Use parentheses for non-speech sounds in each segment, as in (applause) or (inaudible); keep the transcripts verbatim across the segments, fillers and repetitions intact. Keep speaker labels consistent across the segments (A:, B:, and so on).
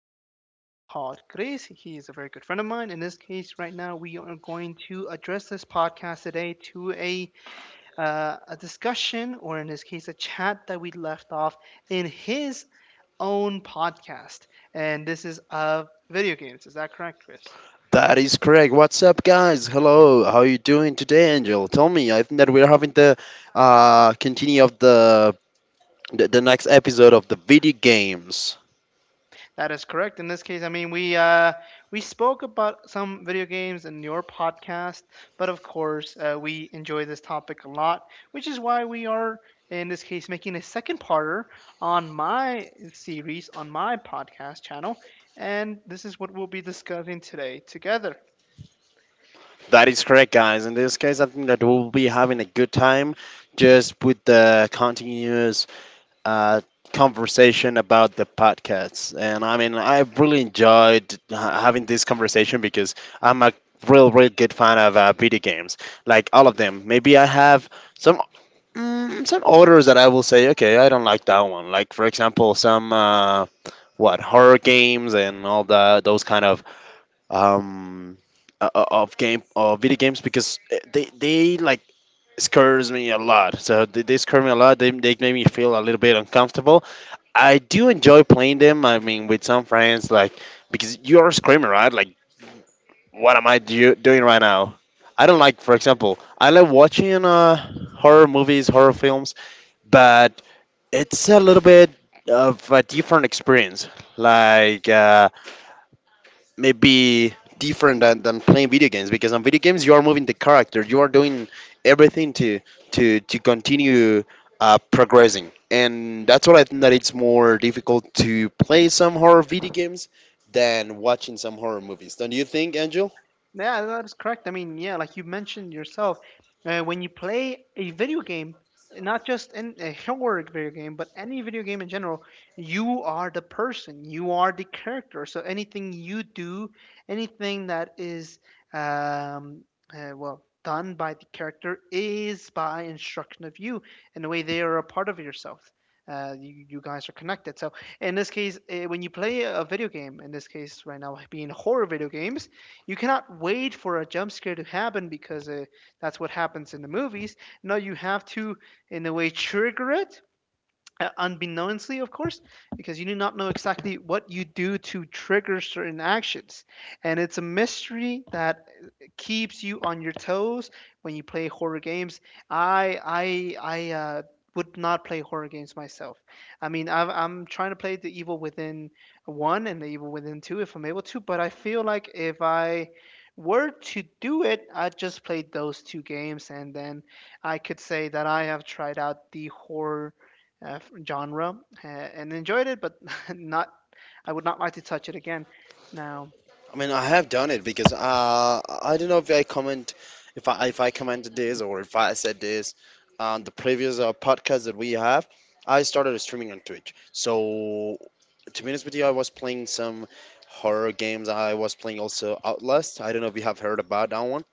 A: by a special guest called Chris. He is a very good friend of mine. In this case, right now, we are going to address this podcast today to a uh, a discussion, or in this case, a chat that we left off in his own podcast, and this is of video games. Is that correct, Chris?
B: That is correct. What's up, guys? Hello. How you doing today, Angel? Tell me. I think that we're having the uh continue of the the, the next episode of the video games.
A: That is correct. In this case, I mean, we uh, we spoke about some video games in your podcast, but of course, uh, we enjoy this topic a lot, which is why we are in this case making a second parter on my series on my podcast channel, and this is what we'll be discussing today together.
B: That is correct, guys. In this case, I think that we'll be having a good time just with the continuous uh conversation about the podcasts. And I mean, I've really enjoyed ha- having this conversation because I'm a real, real good fan of uh, video games, like all of them. Maybe I have some Mm, some orders that I will say, okay, I don't like that one. Like for example, some uh, what horror games and all that, those kind of um uh, uh, of game of video games because uh, they they like scares me a lot. So they, they scare me a lot. They they make me feel a little bit uncomfortable. I do enjoy playing them. I mean, with some friends, like because you're screaming, right? Like, what am I do- doing right now? I don't like, for example, I like watching uh, horror movies, horror films, but it's a little bit of a different experience, like uh, maybe different than, than playing video games because on video games you are moving the character, you are doing everything to to to continue uh, progressing, and that's why I think that it's more difficult to play some horror video games than watching some horror movies. Don't you think, Angel?
A: Yeah, that is correct. I mean, yeah, like you mentioned yourself, uh, when you play a video game, not just in a horror video game, but any video game in general, you are the person, you are the character. So anything you do, anything that is um, uh, well done by the character is by instruction of you. In a way, they are a part of yourself. Uh, you, you guys are connected. So in this case, uh, when you play a video game, in this case right now being horror video games, you cannot wait for a jump scare to happen because uh, that's what happens in the movies. No, you have to, in a way, trigger it uh, unbeknownstly, of course, because you do not know exactly what you do to trigger certain actions. And it's a mystery that keeps you on your toes when you play horror games. I, I, I, uh, would not play horror games myself. I mean, I've, I'm trying to play The Evil Within one and The Evil Within two if I'm able to, but I feel like if I were to do it, I'd just play those two games and then I could say that I have tried out the horror uh, genre uh, and enjoyed it, but (laughs) not. I would not like to touch it again. Now,
B: I mean, I have done it because uh, I don't know if I comment, if I if I commented this or if I said this on the previous uh, podcast that we have. I started streaming on Twitch. So to be honest with you, I was playing some horror games. I was playing also Outlast. I don't know if you have heard about that one,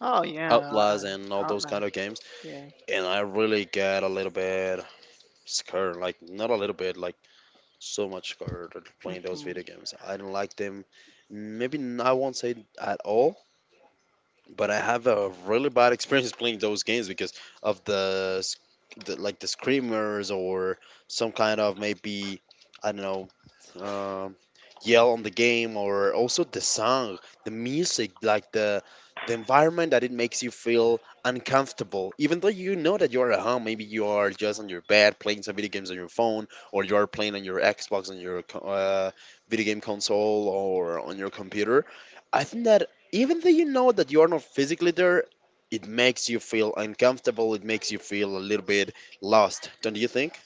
A: oh yeah,
B: Outlast
A: uh,
B: and all those kind
A: Outlast.
B: of games.
A: Yeah,
B: And I really get a little bit scared, like not a little bit, like so much scared of playing those
A: hmm,
B: video games. I don't like them. Maybe n- I won't say at all, but I have a really bad experience playing those games because of the, s- the like the screamers or some kind of maybe I don't know, um, yell on the game or also the song, the music, like the the environment that it makes you feel uncomfortable. Even though you know that you're at home, maybe you are just on your bed playing some video games on your phone, or you are playing on your Xbox, on your co- uh, video game console, or on your computer. I think that even though you know that you are not physically there, it makes you feel uncomfortable. It makes you feel a little bit lost, don't you think?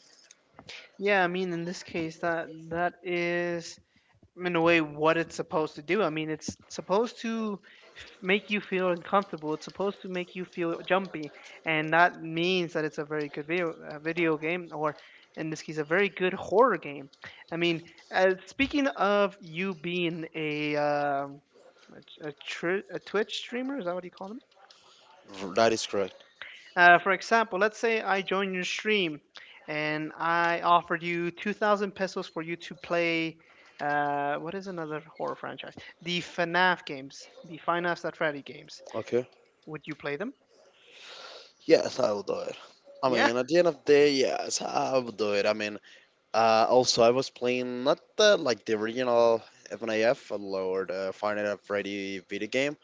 A: yeah. I mean, in this case, that that is in a way what it's supposed to do. I mean, it's supposed to f- make you feel uncomfortable. It's supposed to make you feel jumpy, and that means that it's a very good video uh, video game, or in this case, a very good horror game. I mean, uh, speaking of you being a um, a, a, tr- a Twitch streamer, is that what you call them?
B: R- That is correct.
A: Uh, for example, let's say I join your stream and I offered you two thousand pesos for you to play. Uh, what is another horror franchise? The FNAF games, the Five Nights at Freddy games.
B: Okay.
A: Would you play them?
B: Yes, I will do it. I
A: Yeah,
B: mean, at the end of the day, yes, I will do it. I mean, uh, also, I was playing not the like the original F NAF or the Final Fantasy video game.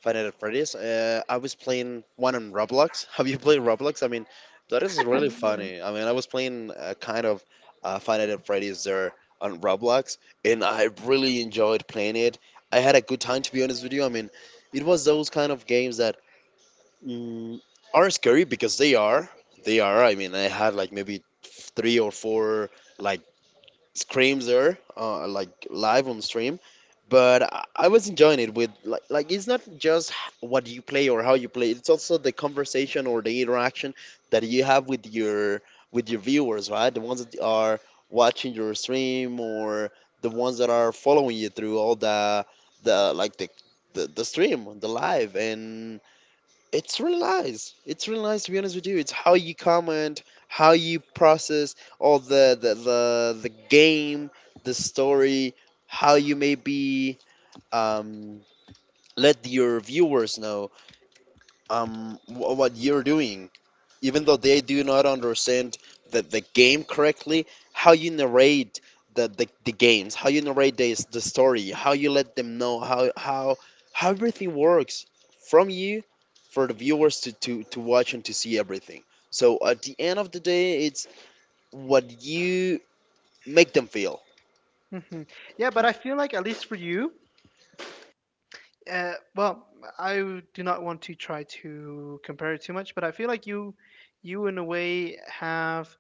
B: Five Nights at Freddy's. Uh, I was playing one on Roblox. (laughs) Have you played Roblox? I mean, that is really
A: (laughs) yeah.
B: funny. I mean, I was playing a kind of uh, Five Nights at Freddy's there on Roblox, and I really enjoyed playing it. I had a good time, to be honest with you. I mean, it was those kind of games that mm, are scary because they are. They are. I mean, I had like maybe three or four like screams there, uh, like live on stream. But I I was enjoying it with like like it's not just h- what you play or how you play. It's also the conversation or the interaction that you have with your with your viewers, right? The ones that are watching your stream or the ones that are following you through all the the like the the, the stream, the live, and it's really nice. It's really nice, to be honest with you. It's how you comment, how you process all the the the, the game, the story, how you maybe um, let your viewers know, um, wh- what you're doing even though they do not understand the, the game correctly, how you narrate the, the, the games, how you narrate the, the story, how you let them know how, how, how everything works from you for the viewers to, to, to watch and to see everything. So at the end of the day, it's what you make them feel.
A: Mhm. Yeah. But I feel like at least for you, uh, well, I do not want to try to compare it too much, but I feel like you, you in a way have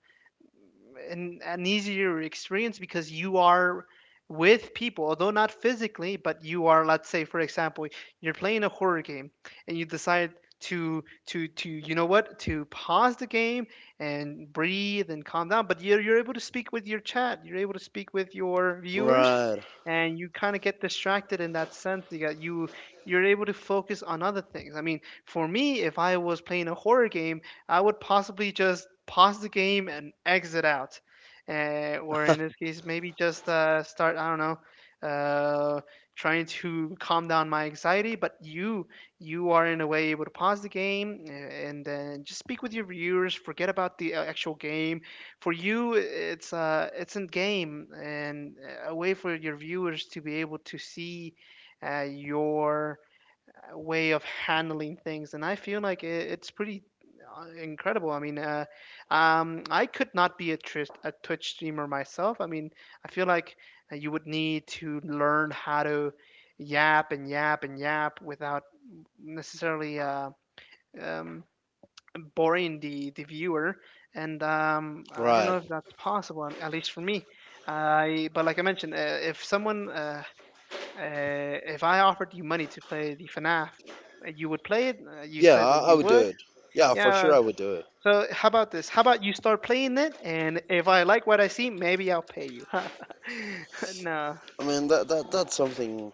A: an, an easier experience because you are with people, although not physically, but you are, let's say, for example, you're playing a horror game and you decide to to to you know what, to pause the game and breathe and calm down, but you're, you're able to speak with your chat, you're able to speak with your viewers,
B: Right,
A: and you kind of get distracted in that sense. You got you You're able to focus on other things. I mean, for me, if I was playing a horror game, I would possibly just pause the game and exit out, uh, or in this case maybe just uh, start, I don't know, uh, trying to calm down my anxiety, but you you are in a way able to pause the game uh, and then just speak with your viewers, forget about the uh, actual game. For you, it's uh it's in game and uh, a way for your viewers to be able to see uh, your uh, way of handling things, and I feel like it, it's pretty uh, incredible. I mean, uh, um, I could not be a, tris- a Twitch streamer myself. I mean, I feel like uh, you would need to learn how to yap and yap and yap without necessarily uh, um, boring the the viewer, and um I don't know
B: right.
A: if that's possible, um, at least for me. I but like I mentioned, uh, if someone uh, uh if I offered you money to play the FNAF, uh, you would play it, uh, you
B: Yeah,
A: said that
B: I, I
A: you
B: would do
A: would.
B: it. Yeah, for sure
A: Yeah,
B: I would do it.
A: so how about this: how about you start playing it and if I like what I see, maybe I'll pay you. (laughs) No.
B: I mean, that, that that's something.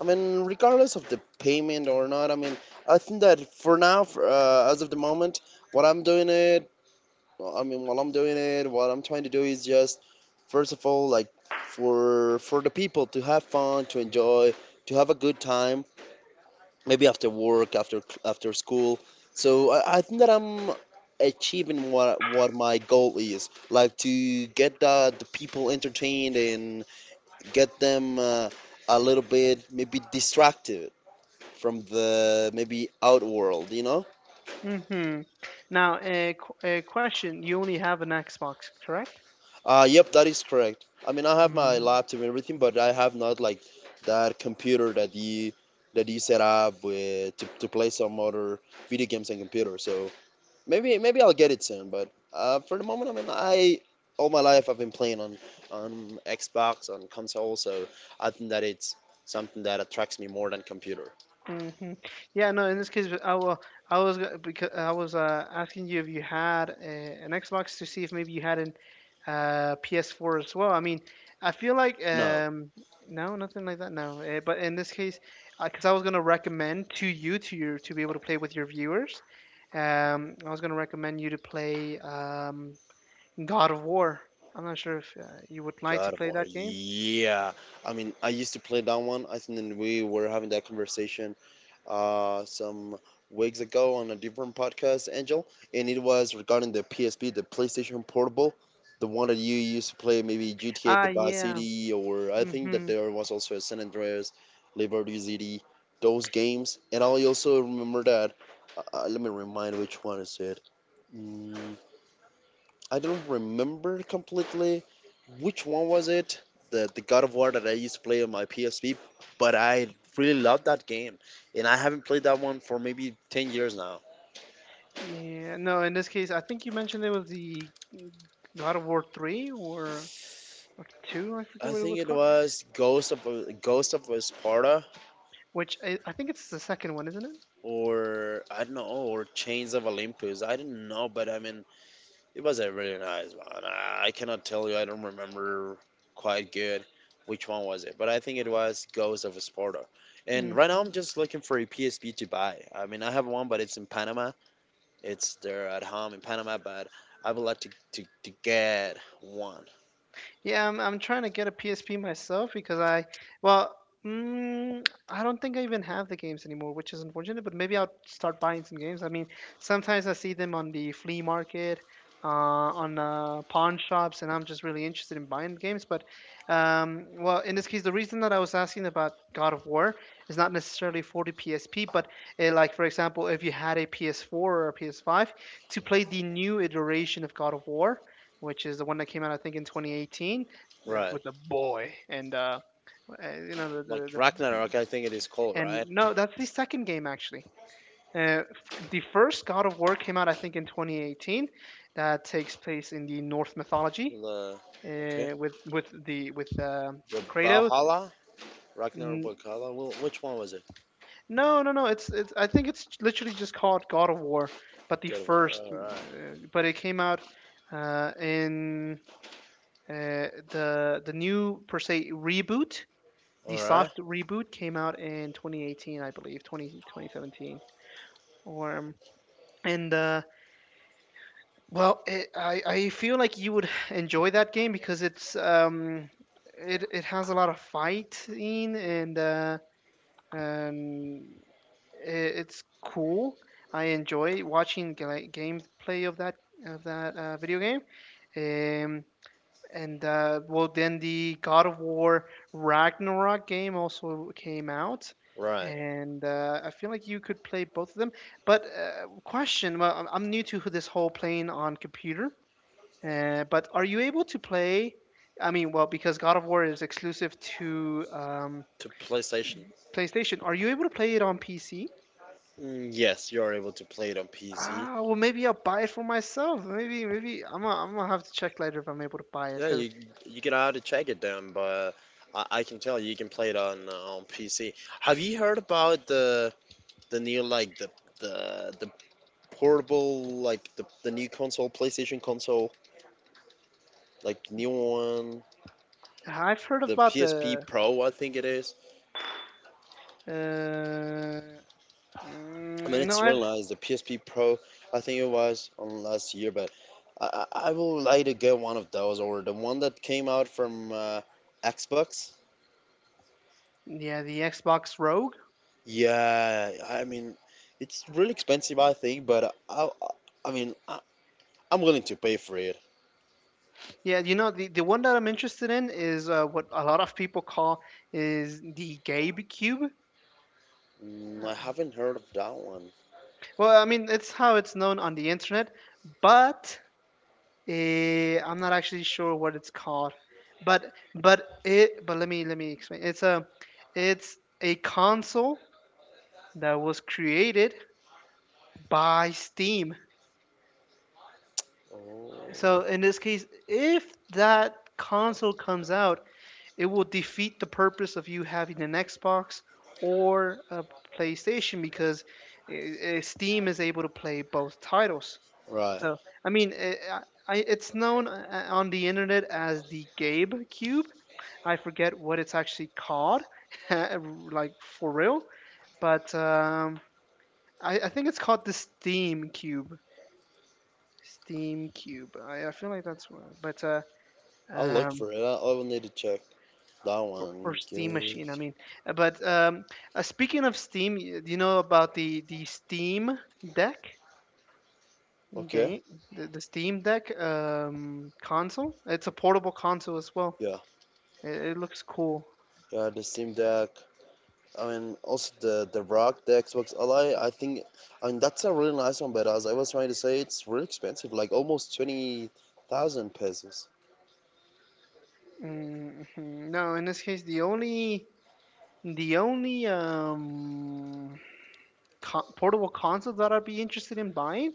B: I mean, regardless of the payment or not, I mean, I think that for now, for, uh, as of the moment, what I'm doing it, I mean, while I'm doing it, what I'm trying to do is just, first of all, like for for the people to have fun, to enjoy, to have a good time, maybe after work, after cl- after school. So I, I think that I'm achieving what what my goal is, like to get the, the people entertained and get them. Uh, a little bit maybe distracted from the maybe outworld, you know?
A: Hmm. Now a, qu- a question: you only have an Xbox, correct?
B: Uh, yep, that is correct. I mean, I have my laptop and everything, but I have not like that computer that you that you set up with to, to play some other video games on computer. So maybe maybe I'll get it soon. But uh, for the moment, I mean, I all my life I've been playing on on Xbox on console, so I think that it's something that attracts me more than computer.
A: Hmm. Yeah, no. In this case, I will. I was, because I was uh, asking you if you had a, an Xbox to see if maybe you had an uh, P S four as well. I mean, I feel like
B: No,
A: um, no, nothing like that. No, uh, but in this case, because I was gonna recommend to you to your to be able to play with your viewers. Um, I was gonna recommend you to play um, God of War. I'm not sure if uh, you would like to
B: God of
A: play
B: War.
A: that game.
B: Yeah. I mean, I used to play that one. I think that we were having that conversation uh, some weeks ago on a different podcast, Angel, and it was regarding the P S P, the PlayStation Portable, the one that you used to play, maybe G T A,
A: Ah,
B: the Vice
A: yeah.
B: City, or I think that
A: Hmm.
B: there was also a San Andreas, Liberty City, those games. And I also remember that. Uh, uh, let me remind which one is it. Mm, I don't remember completely which one was it, the the God of War that I used to play on my P S P, but I really loved that game, and I haven't played that one for maybe ten years now.
A: Yeah, no, in this case, I think you mentioned it was the God of War three or or two, I forget
B: I
A: what it
B: think
A: was
B: it
A: called,
B: was Ghost of Ghost of Sparta,
A: which I, I think it's the second one, isn't
B: or I don't know, or Chains of Olympus. I don't know, but I mean, it was a really nice one. I cannot tell you. I don't remember quite good which one was it, but I think it was Ghost of Sparta.
A: it?
B: And
A: Mm.
B: right now I'm just looking for a P S P to buy. I mean, I have one, but it's in Panama. It's there at home in Panama, but I would like to, to, to get one.
A: Yeah, I'm I'm trying to get a P S P myself because I well, mm, I don't think I even have the games anymore, which is unfortunate, but maybe I'll start buying some games. I mean, sometimes I see them on the flea market, uh, on uh, pawn shops, and I'm just really interested in buying games, but um, well, in this case, the reason that I was asking about God of War is not necessarily for the P S P, but uh, like for example, if you had a P S four or a P S five to play the new iteration of God of War, which is the one that came out I think in twenty eighteen,
B: Right.
A: with the boy and uh, uh, you know, the,
B: Like
A: the, the
B: Ragnarok, I think it is called,
A: and
B: right?
A: no, that's the second game actually. Uh, the first God of War came out I think in twenty eighteen, that takes place in the Norse mythology,
B: The, okay.
A: uh, with with the with uh,
B: The
A: Kratos.
B: Valhalla? Ragnarok Valhalla? Well, which one was it?
A: No no no it's, it's I think it's literally just called God of War, but the
B: Good one.
A: first
B: All right.
A: uh, but it came out uh, in uh, the the new per se reboot, the
B: All right.
A: soft reboot came out in twenty eighteen, I believe, twenty, twenty seventeen. Or um, and uh, well, it, I I feel like you would enjoy that game because it's um it it has a lot of fighting and uh, and it, it's cool. I enjoy watching ga- gameplay of that of that uh, video game. Um, And uh, well, then the God of War Ragnarok game also came out,
B: Right.
A: and uh, I feel like you could play both of them. But uh, question, well, I'm I'm new to this whole playing on computer, uh, but are you able to play? I mean, well, because God of War is exclusive to um,
B: To PlayStation.
A: PlayStation, are you able to play it on P C?
B: Mm, yes, you are able to play it on P C.
A: Ah, well, maybe I'll buy it for myself. Maybe, maybe I'm gonna, I'm gonna have to check later if I'm able to buy it
B: Yeah,
A: because
B: you you can have to check it down, but uh, I, I can tell you can play it on uh, on P C. Have you heard about the the new like the the the portable like the, the new console PlayStation console like the new one,
A: I've heard
B: the
A: about
B: P S P
A: the.
B: Pro I think it is.
A: Uh,
B: I mean
A: Mm, no,
B: it's
A: I've
B: realized the P S P Pro I think it was on last year, but I I I would like to get one of those or the one that came out from uh, Xbox.
A: yeah, the Xbox Rogue.
B: Yeah, I mean, it's really expensive, I think, but I, I I mean, I, I'm willing to pay for it.
A: Yeah, you know, the, the one that I'm interested in is uh, what a lot of people call is the Gabe Cube.
B: Mm,
A: Uh,
B: I haven't heard of that one.
A: well, I mean it's how it's known on the internet, but eh, I'm not actually sure what it's called. But but it but let me, let me explain. It's a it's a console that was created by Steam.
B: Oh,
A: So in this case, if that console comes out, it will defeat the purpose of you having an Xbox or a PlayStation because uh, uh, Steam is able to play both titles.
B: right.
A: So, I mean, uh, I, I- it's known uh, uh, on the internet as the Gabe Cube. I forget what it's actually called, (laughs) like for real. But um, I, I think it's called the Steam Cube. Steam Cube. I, I feel like that's what. But uh,
B: I'll look
A: um,
B: for it. I, I will need to check that
A: or
B: one.
A: Steam
B: Okay.
A: Machine, I mean. Uh, but um uh, Speaking of Steam, y- do you know about the the Steam Deck
B: Okay.
A: game, the, the Steam Deck um console? It's a portable console as well.
B: Yeah.
A: it, it looks cool.
B: Yeah. The Steam Deck. I mean, also the the Rock, the Xbox Ally. I think. I mean, that's a really nice one, but as I was trying to say, it's really expensive. Like almost twenty thousand pesos.
A: Hmm, no, in this case, the only, the only um co- portable console that I'd be interested in buying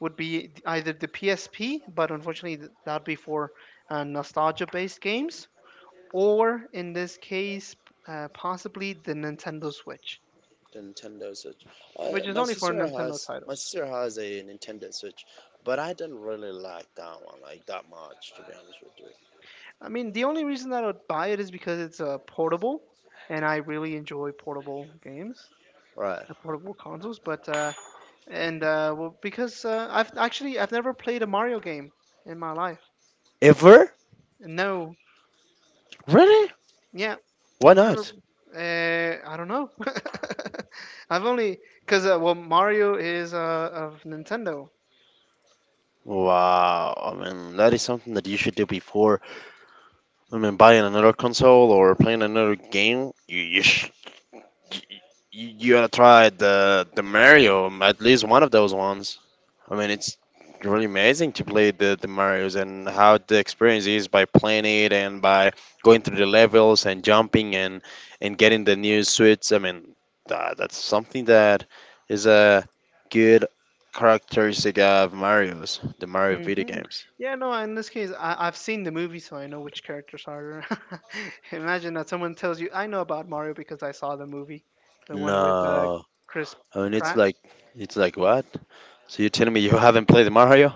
A: would be either the PSP, but unfortunately, th- that'd be for uh, nostalgia based games, or in this case, uh, possibly the Nintendo Switch,
B: The Nintendo Switch. Uh,
A: which is
B: my
A: only for
B: sister
A: Nintendo
B: has my
A: titles.
B: sister has a Nintendo Switch, but I didn't really like that one like that much, to be honest with you.
A: I mean, the only reason that I would buy it is because it's uh, portable, and I really enjoy portable games,
B: Right.
A: uh, portable consoles. But uh, and uh, well, because uh, I've actually I've never played a Mario game in my life.
B: Ever?
A: No,
B: Really?
A: yeah,
B: Why
A: I've never.
B: not?
A: Uh, I don't know. (laughs) I've only because uh, well, Mario is uh, of Nintendo.
B: Wow. I mean, that is something that you should do before. I mean, buying another console or playing another game. You you sh- you, you gotta try the the Mario, at least one of those ones. I mean, it's really amazing to play the, the Mario's and how the experience is by playing it and by going through the levels and jumping and and getting the new suits. I mean, tha- that's something that is a good characteristic of Mario's, the Mario video
A: Hmm.
B: games.
A: Yeah, no, in this case, I, I've seen the movie, so I know which characters are. (laughs) Imagine that someone tells you, I know about Mario because I saw the movie, the one with uh,
B: No,
A: Chris
B: I mean it's
A: Pratt.
B: like it's like what? So you're telling me you haven't played Mario?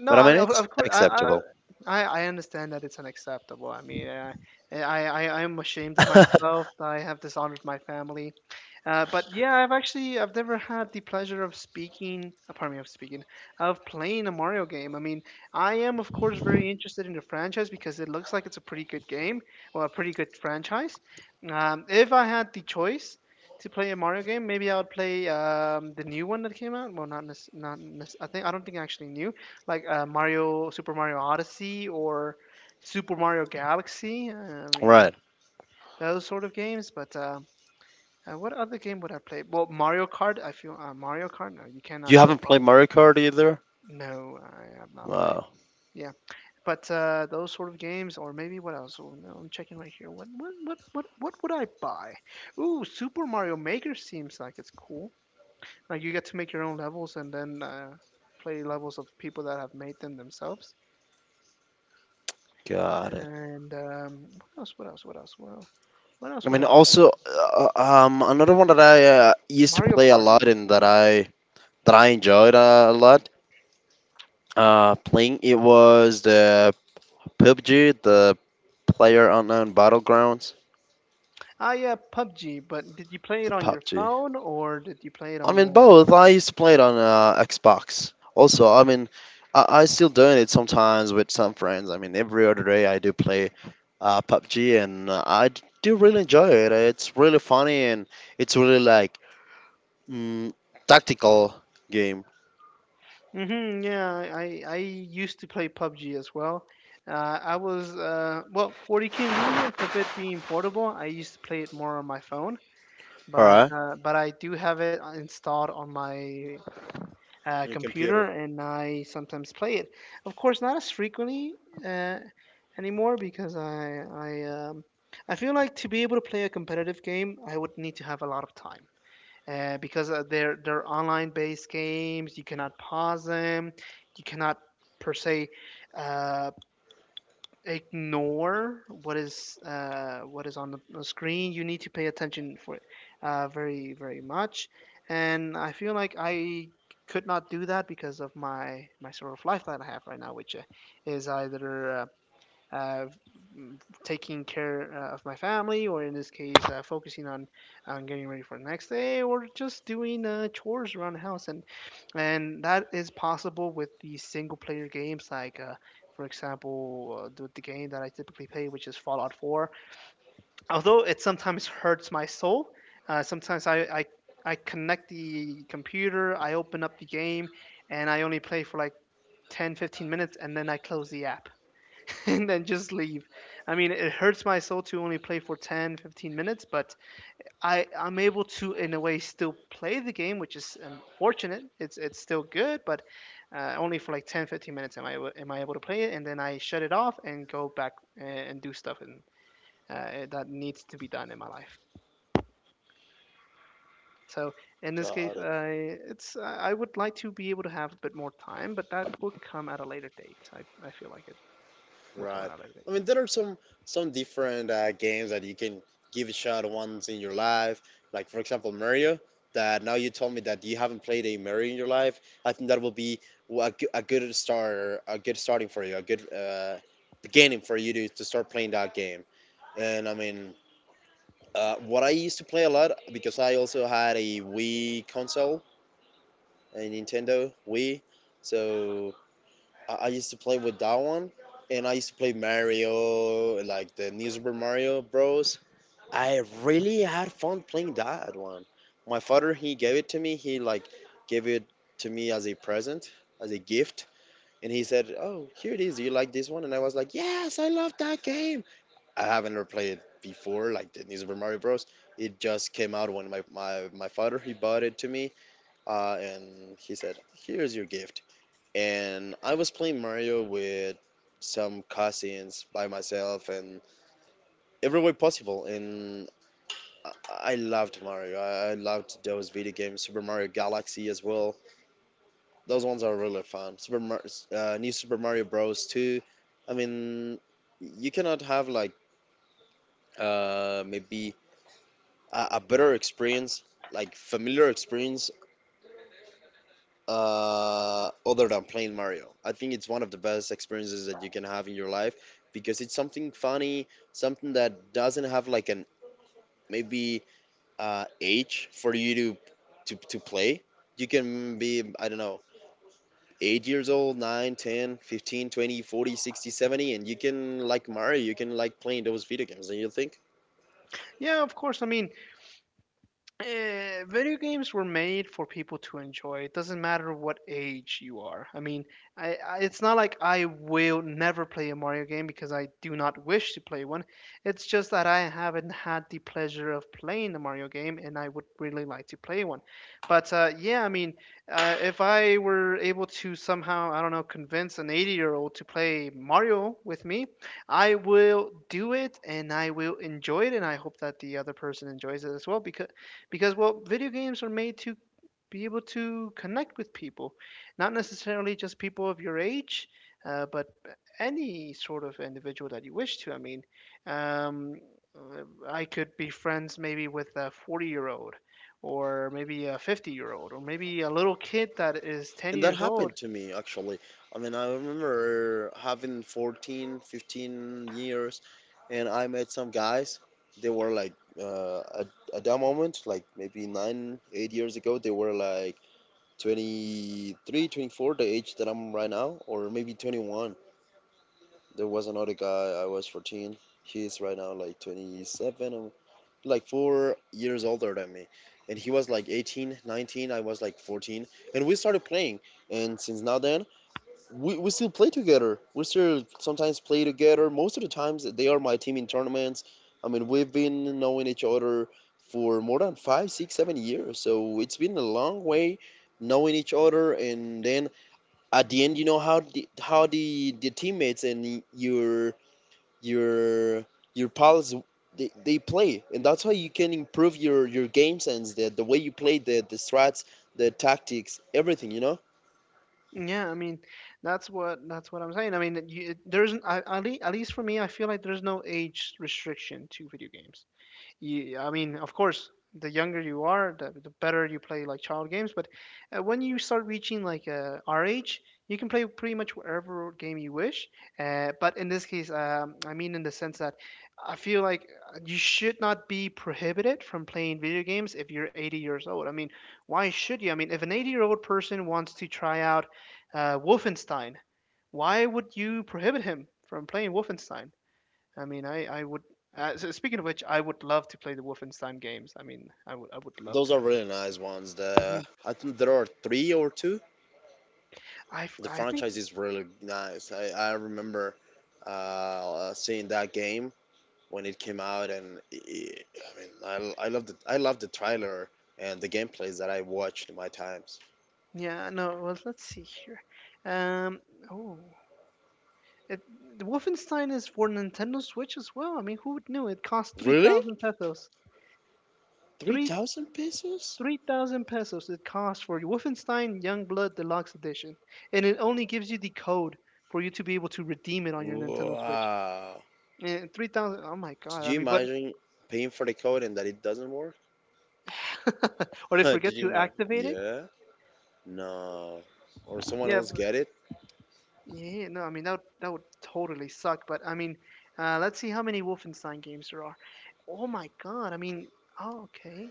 A: No,
B: But I
A: I
B: mean
A: mean of,
B: it's
A: of course, I, I
B: acceptable.
A: I I understand that it's unacceptable. I mean, uh, I I I am ashamed of
B: (laughs)
A: myself. I have dishonored my family. Uh, but yeah, I've actually I've never had the pleasure of speaking. Uh, pardon me, of speaking of playing a Mario game. I mean, I am of course very interested in the franchise because it looks like it's a pretty good game or a pretty good franchise. Um, if I had the choice to play a Mario game, maybe I would play um, the new one that came out. Well, not nec- not nec- I think I don't think actually new, like uh, Mario, Super Mario Odyssey, or Super Mario Galaxy. uh, I mean,
B: Right.
A: those sort of games. But uh, uh, What other game would I play? Well, Mario Kart. I feel uh, Mario Kart, no, you
B: You
A: cannot go
B: haven't played
A: wrong.
B: Mario Kart either?
A: No, I have not played.
B: Wow.
A: Yeah, but uh, those sort of games, or maybe what else? Oh, no, I'm checking right here. What, what, what, what, what would I buy? Ooh, Super Mario Maker seems like it's cool. Like you get to make your own levels and then uh, play levels of people that have made them themselves.
B: God.
A: And um, what else? What else? What else? What else? What
B: I
A: else would
B: mean,
A: I play?
B: also uh, uh, um, another one that I uh, used to
A: Mario
B: play a lot
A: Party.
B: and that
A: Mhm.
B: I that I enjoyed uh, a lot uh, playing it was the P U B G, the Player Unknown Battlegrounds,
A: Ah, yeah, P U B G. But did you play it
B: the
A: on your
B: P U B G.
A: phone or did you play it
B: I
A: on?
B: mean,
A: Uh...
B: both. I used to play it on uh, Xbox. Also, I mean, I, I still doing it sometimes with some friends. I mean, every other day I do play uh, P U B G, and uh, I d- do really enjoy it. It's really funny and it's really like mm, tactical game.
A: hmm, yeah, I I used to play P U B G as well. Uh, I was uh, well For the convenience of it being portable, I used to play it more on my phone.
B: All
A: But
B: right.
A: uh, but I do have it uh, installed on my uh,
B: Your
A: computer,
B: computer.
A: and I sometimes play it. Of course, not as frequently uh, anymore, because I I um, I feel like to be able to play a competitive game, I would need to have a lot of time. Uh, because uh, they're they're online based games, you cannot pause them, you cannot per se uh, ignore what is uh, what is on the on screen. You need to pay attention for it uh, very very much. And I feel like I could not do that because of my my sort of life that I have right now, which uh, is either uh, uh, taking care uh, of my family, or in this case, uh, focusing on on getting ready for the next day, or just doing uh, chores around the house. And and that is possible with the single player games like. Uh, for example, uh, the, the game that I typically play, which is Fallout four. Although it sometimes hurts my soul, uh, sometimes I, I I connect the computer, I open up the game, and I only play for like ten, fifteen minutes, and then I close the app (laughs) and then just leave. I mean, it hurts my soul to only play for ten, fifteen minutes, but I I'm able to in a way still play the game, which is unfortunate. It's it's still good, but uh, only for like ten, fifteen minutes am I am I able to play it, and then I shut it off and go back and, and do stuff and uh, that needs to be done in my life. So in this case,
B: Got it.
A: I it's I would like to be able to have a bit more time, but that will come at a later date. I, I feel like it will come
B: Right.
A: at a later
B: I
A: date.
B: mean, there are some some different uh, games that you can give a shot once in your life. Like for example, Mario. That now you told me that you haven't played a Mario in your life. I think that will be w- a, goo- a good start, a good starting for you, a good uh, beginning for you to, to start playing that game. And I mean, uh, what I used to play a lot because I also had a Wii console, a Nintendo Wii. So I, I used to play with that one, and I used to play Mario, like the New Super Mario Bros. I really had fun playing that one. My father he gave it to me. He like gave it to me as a present, as a gift, and he said, "Oh, here it is. Do you like this one?" And I was like, "Yes, I love that game." I haven't ever played it before, like the New Super Mario Bros. It just came out when my my, my father he bought it to me, uh, and he said, "Here's your gift." And I was playing Mario with some cousins by myself and every way possible. And I I loved Mario. I I loved those video games, Super Mario Galaxy as well. Those ones are really fun. Super Mar- uh, New Super Mario Bros. Two. I mean, you cannot have like uh, maybe a, a better experience, like familiar experience uh, other than playing Mario. I think it's one of the best experiences that you can have in your life because it's something funny, something that doesn't have like an maybe uh, age for you to, to to play. You can be, I don't know, eight years old, nine, ten, fifteen, twenty, forty, sixty, seventy, and you can like Mario. You can like playing those video games, and you think.
A: Yeah, of course. I mean, Eh, video games were made for people to enjoy. It doesn't matter what age you are. I mean, I, I it's not like I will never play a Mario game because I do not wish to play one. It's just that I haven't had the pleasure of playing the Mario game, and I would really like to play one. But uh, Yeah, I mean, uh, if I were able to somehow, I don't know, convince an eighty-year-old to play Mario with me, I will do it, and I will enjoy it, and I hope that the other person enjoys it as well because because well video games are made to be able to connect with people, not necessarily just people of your age, uh, but any sort of individual that you wish to. I mean, um, uh, I could be friends maybe with a forty year old, or maybe a fifty year old, or maybe a little kid that is ten
B: And that
A: years old.
B: happened to me actually. I mean, I remember having fourteen, fifteen years, and I met some guys. They were like, uh, at, at that moment, like maybe nine, eight years ago, they were like twenty-three, twenty-four, the age that I'm right now, or maybe twenty-one. There was another guy, I was fourteen. He's right now like twenty-seven, um, like four years older than me. And he was like eighteen, nineteen, I was like fourteen. And we started playing. And since now then, we, we still play together. We still sometimes play together. Most of the times, they are my team in tournaments. I mean, we've been knowing each other for more than five, six, seven years. So it's been a long way knowing each other. And then at the end, you know how the, how the, the teammates and your your your pals they, they play, and that's how you can improve your your game sense, the the way you play, the the strats, the tactics, everything. You know.
A: Yeah, I mean, that's what that's what I'm saying. I mean, you, there's I, at lea- at least for me, I feel like there's no age restriction to video games. Yeah, I mean, of course, the younger you are, the, the better you play like child games. But uh, When you start reaching like uh, our age, you can play pretty much whatever game you wish. Uh, but in this case, um, I mean, in the sense that I feel like uh, you should not be prohibited from playing video games if you're eighty years old. I mean, why should you? I mean, if an eighty year old person wants to try out uh, Wolfenstein, why would you prohibit him from playing Wolfenstein? I mean, I I would. Uh, so speaking of which, I would love to play the Wolfenstein games. I mean, I would I would love
B: Those
A: to
B: are
A: play them.
B: really nice ones. The I think there are three or two.
A: Hmm. I f-
B: The
A: I think
B: franchise is really nice. I, I remember uh, seeing that game when it came out, and i I mean I, l- I love the I loved the trailer and the gameplays that I watched in my times.
A: Yeah, no, well, let's see here. Um oh it, the Wolfenstein is for Nintendo Switch as well. I mean, who would knew, it costs three
B: Really?
A: thousand pesos.
B: Three
A: Three
B: thousand pesos?
A: three thousand pesos it costs for Wolfenstein Youngblood Deluxe Edition, and it only gives you the code for you to be able to redeem it on your Nintendo Switch.
B: Wow!
A: And three thousand, oh my
B: Did
A: god, I
B: you
A: mean, but
B: imagine paying for the code and that it doesn't work?
A: (laughs) or
B: (laughs)
A: they
B: Did
A: forget
B: you
A: to
B: imagine?
A: activate it.
B: Yeah. No. Or someone
A: Yeah,
B: else
A: but
B: get it?
A: yeah, no, I mean that would, that would totally suck. But I mean, uh, let's see how many Wolfenstein games there are. Oh my God! I mean, oh, okay.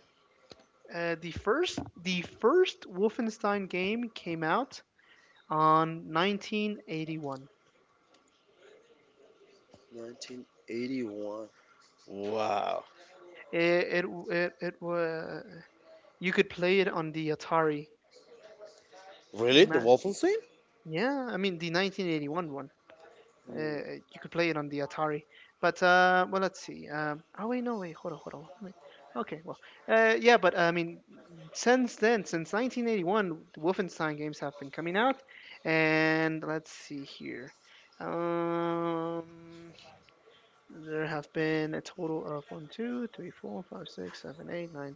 A: Uh, the first the first Wolfenstein game came out on nineteen eighty-one.
B: nineteen eighty-one. Wow.
A: It it it, it was, you could play it on the Atari.
B: Really? The
A: Ima-
B: Wolfenstein?
A: Yeah, I mean the nineteen eighty-one one. Uh,
B: Mm.
A: you could play it on the Atari. But uh, well, let's see. Um, oh wait, no wait, hold on, hold on. Let me, okay, well, uh, yeah, but I mean, since then, since nineteen eighty-one, the Wolfenstein games have been coming out, and let's see here. Um, there have been a total of one, two, three, four, five, six, seven, eight, nine,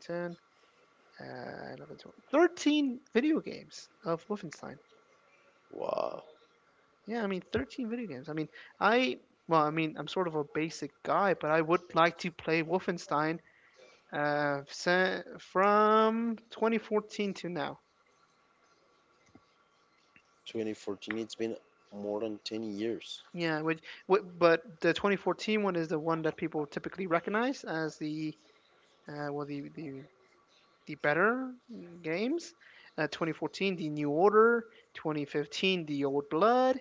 A: ten, uh, eleven, twelve, thirteen video games of Wolfenstein.
B: Wow.
A: Yeah, I mean, thirteen video games. I mean, I, well, I mean, I'm sort of a basic guy, but I would like to play Wolfenstein uh, sa- from twenty fourteen to now.
B: twenty fourteen, it's been more than ten years.
A: Yeah, which, wh- but the twenty fourteen one is the one that people typically recognize as the, uh, well, the, the, the better games. Uh, twenty fourteen, The New Order. twenty fifteen, The Old Blood.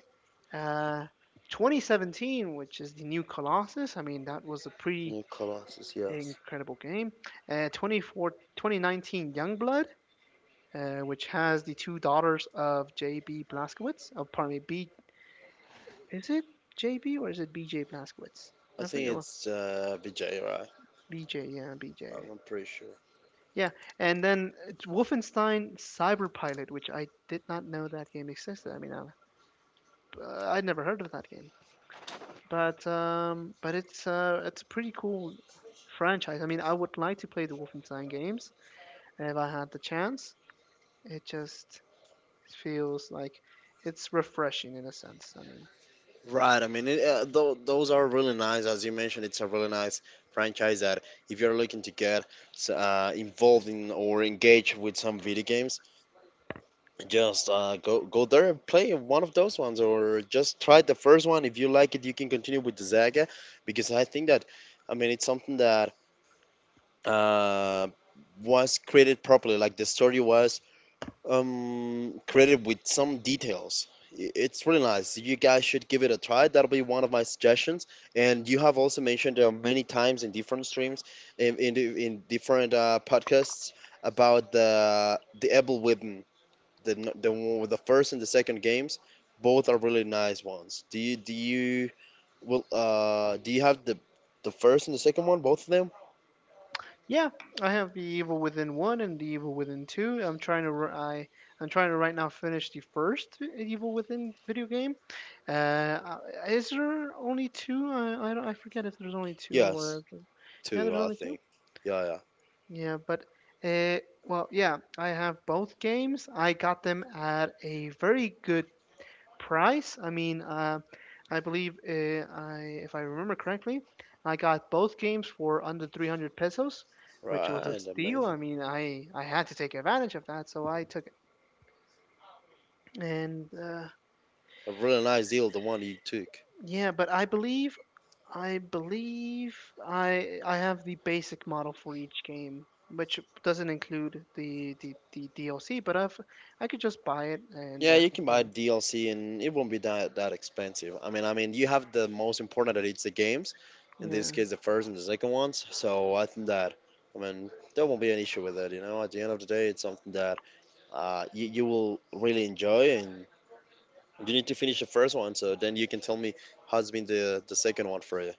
A: Uh, twenty seventeen, which is The New Colossus. I mean, that was a pretty
B: New Colossus, yes.
A: incredible game. Uh, twenty-four, twenty nineteen Youngblood, uh, which has the two daughters of J B. Blaskowitz. Oh, pardon me, B. Is it J B or is it B J. Blaskowitz?
B: I
A: I
B: think
A: forget.
B: it's uh, Vijay, right?
A: B J. Yeah,
B: I'm
A: B J.
B: not pretty sure.
A: Yeah, and then uh, Wolfenstein Cyberpilot, which I did not know that game existed. I mean, I, uh, I'd never heard of that game, but um, but it's uh, it's a pretty cool franchise. I mean, I would like to play the Wolfenstein games if I had the chance. It just feels like it's refreshing in a sense. I mean,
B: Right, I mean, it, uh, tho- those are really nice. As you mentioned, it's a really nice franchise that if you're looking to get s- uh, involved in or engage with some video games, just uh, go go there and play one of those ones, or just try the first one. If you like it, you can continue with the Zaga, because I think that, I mean, it's something that uh, was created properly. Like the story was um, created with some details. I- It's really nice. You guys should give it a try. That'll be one of my suggestions. And you have also mentioned uh, many times in different streams, in in, in different uh, podcasts about the the Ebel Whip, the n- the one with the first and the second games, both are really nice ones. Do you do you will uh do you have the the first and the second one, both of them?
A: yeah, I have the Evil Within one and the Evil Within two. I'm trying to I I'm trying to right now finish the first Evil Within video game. Uh, uh, is there only two? I I, don't, I forget if there's only two
B: Yes,
A: or. Yeah,
B: two
A: there's
B: I
A: only two.
B: think. Yeah, yeah.
A: Yeah, but. Uh, well, yeah, I have both games. I got them at a very good price. I mean, uh, I believe uh, I, if I remember correctly, I got both games for under three hundred pesos, which was a
B: Right,
A: steal. I
B: amazing.
A: mean, I I had to take advantage of that, so I took it. And uh,
B: A really nice deal, the one you took.
A: Yeah, but I believe I believe I I have the basic model for each game, which doesn't include the, the, the D L C, but I've I could just buy it and
B: Yeah,
A: uh,
B: you can buy
A: hopefully-
B: D L C and it won't be that that expensive. I mean, I mean, you have the most important that it's the games, in this
A: Yeah.
B: case the first and the second ones. So I think that, I mean, there won't be an issue with that. You know, at the end of the day, it's something that uh, you, you will really enjoy and you need to finish the first one so then you can tell me how's been the, the second one for you.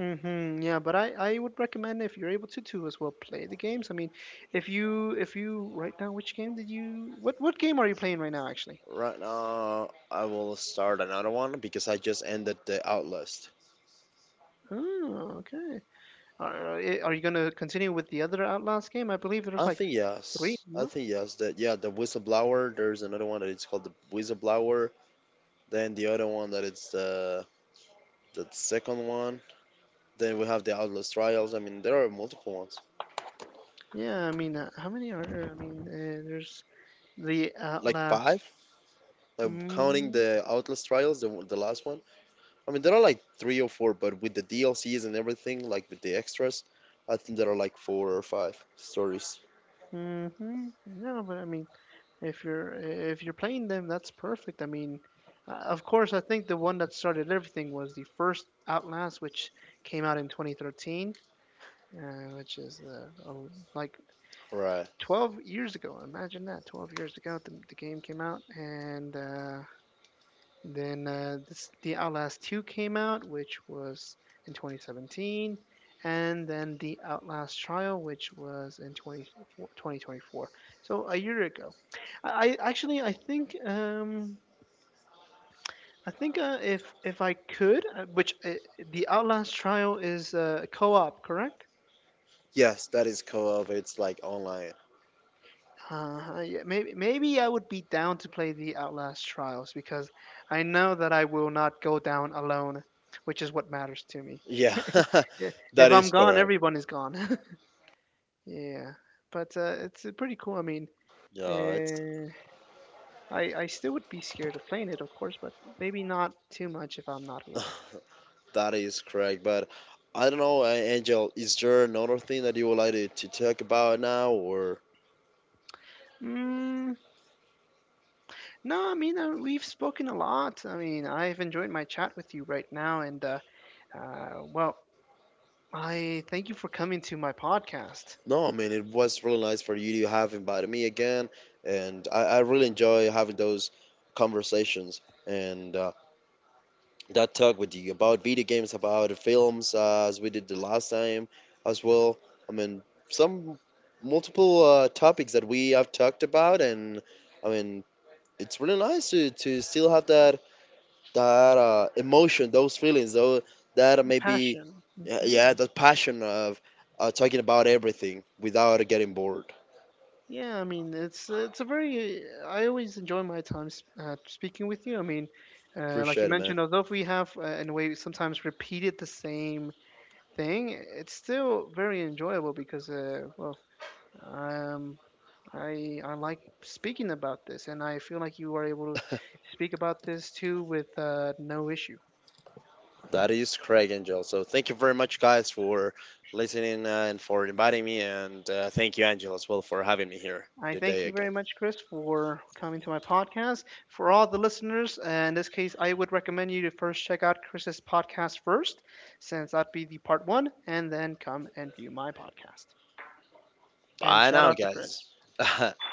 A: Mm-hmm. Yeah, but I I would recommend, if you're able to to as well play the games. I mean, if you if you right now, which game did you, what what game are you playing right now actually?
B: Right now I will start another one because I just ended the Outlast.
A: Oh, okay. Are i- are you gonna continue with the other Outlast game? I believe there's
B: i
A: like
B: think
A: three.
B: yes I
A: No.
B: think yes, that yeah, the Whistleblower. There's another one that it's called the Whistleblower, then the other one that it's the the second one. Then we have the Outlast Trials. I mean, there are multiple ones,
A: Yeah, I mean, uh, how many are there? I mean, uh, there's the
B: like
A: Outlast.
B: five, like counting
A: Mm,
B: the Outlast Trials, the, the last one. I mean, there are like three or four, but with the D L Cs and everything, like with the extras, I think there are like four or five stories.
A: mm-hmm. No, but I mean, if you're if you're playing them, that's perfect. I mean, uh, of course, I think the one that started everything was the first Outlast, which came out in twenty thirteen, uh, which is uh, a- like
B: Right.
A: twelve years ago. Imagine that, twelve years ago, the, the game came out, and uh, then uh, this, The Outlast two came out, which was in twenty seventeen, and then The Outlast Trial, which was in twenty twenty-four. So a year ago. I, I actually I think um, I think uh, if if I could, uh, which uh, The Outlast Trial is uh, co-op, correct?
B: Yes, that is co-op. It's like online.
A: Uh, yeah, maybe maybe I would be down to play the Outlast Trials because I know that I will not go down alone, which is what matters to me.
B: Yeah,
A: Yeah.
B: (laughs)
A: If
B: that
A: I'm
B: is
A: gone,
B: correct.
A: everyone is gone. (laughs) Yeah, but uh, it's uh, pretty cool. I mean,
B: Yeah, it's
A: uh, I I still would be scared of playing it, of course, but maybe not too much if I'm not alone.
B: (sighs) (laughs) that is correct. But I don't know, uh, Angel. Is there another thing that you would like to, to talk about now, or
A: Mm, no, I mean uh, we've spoken a lot. I mean, I've enjoyed my chat with you right now, and uh, uh, well, I thank you for coming to my podcast.
B: no? I mean, it was really nice for you to have invited me again, and I, I really enjoy having those conversations. And uh, that talk with you about video games, about films, uh, as we did the last time as well. I mean, some multiple uh, topics that we have talked about, and I mean, it's really nice to, to still have that that uh, emotion, those feelings, though that
A: The
B: maybe.
A: passion.
B: Yeah, yeah,
A: Hmm.
B: that passion of uh, talking about everything without getting bored.
A: Yeah, I mean, it's uh, it's a very. I always enjoy my time s- uh, speaking with you. I mean, uh, like you
B: Appreciate it, man.
A: mentioned, although if we have uh, in a way sometimes repeated the same thing, it's still very enjoyable because, uh, well, um, I I like speaking about this, and I feel like you were able to
B: (laughs)
A: speak about this too with uh, no issue.
B: That is Craig Angel. So thank you very much, guys, for listening uh, and for inviting me. And uh, thank you, Angel, as well, for having me here
A: I thank
B: today
A: you very
B: again.
A: much, Chris, for coming to my podcast. For all the listeners, uh, in this case, I would recommend you to first check out Chris's podcast first, since that'd be the part one, and then come and view my podcast. And
B: Bye
A: shout
B: now,
A: out to Chris.
B: guys.
A: Bye bye.
B: (laughs)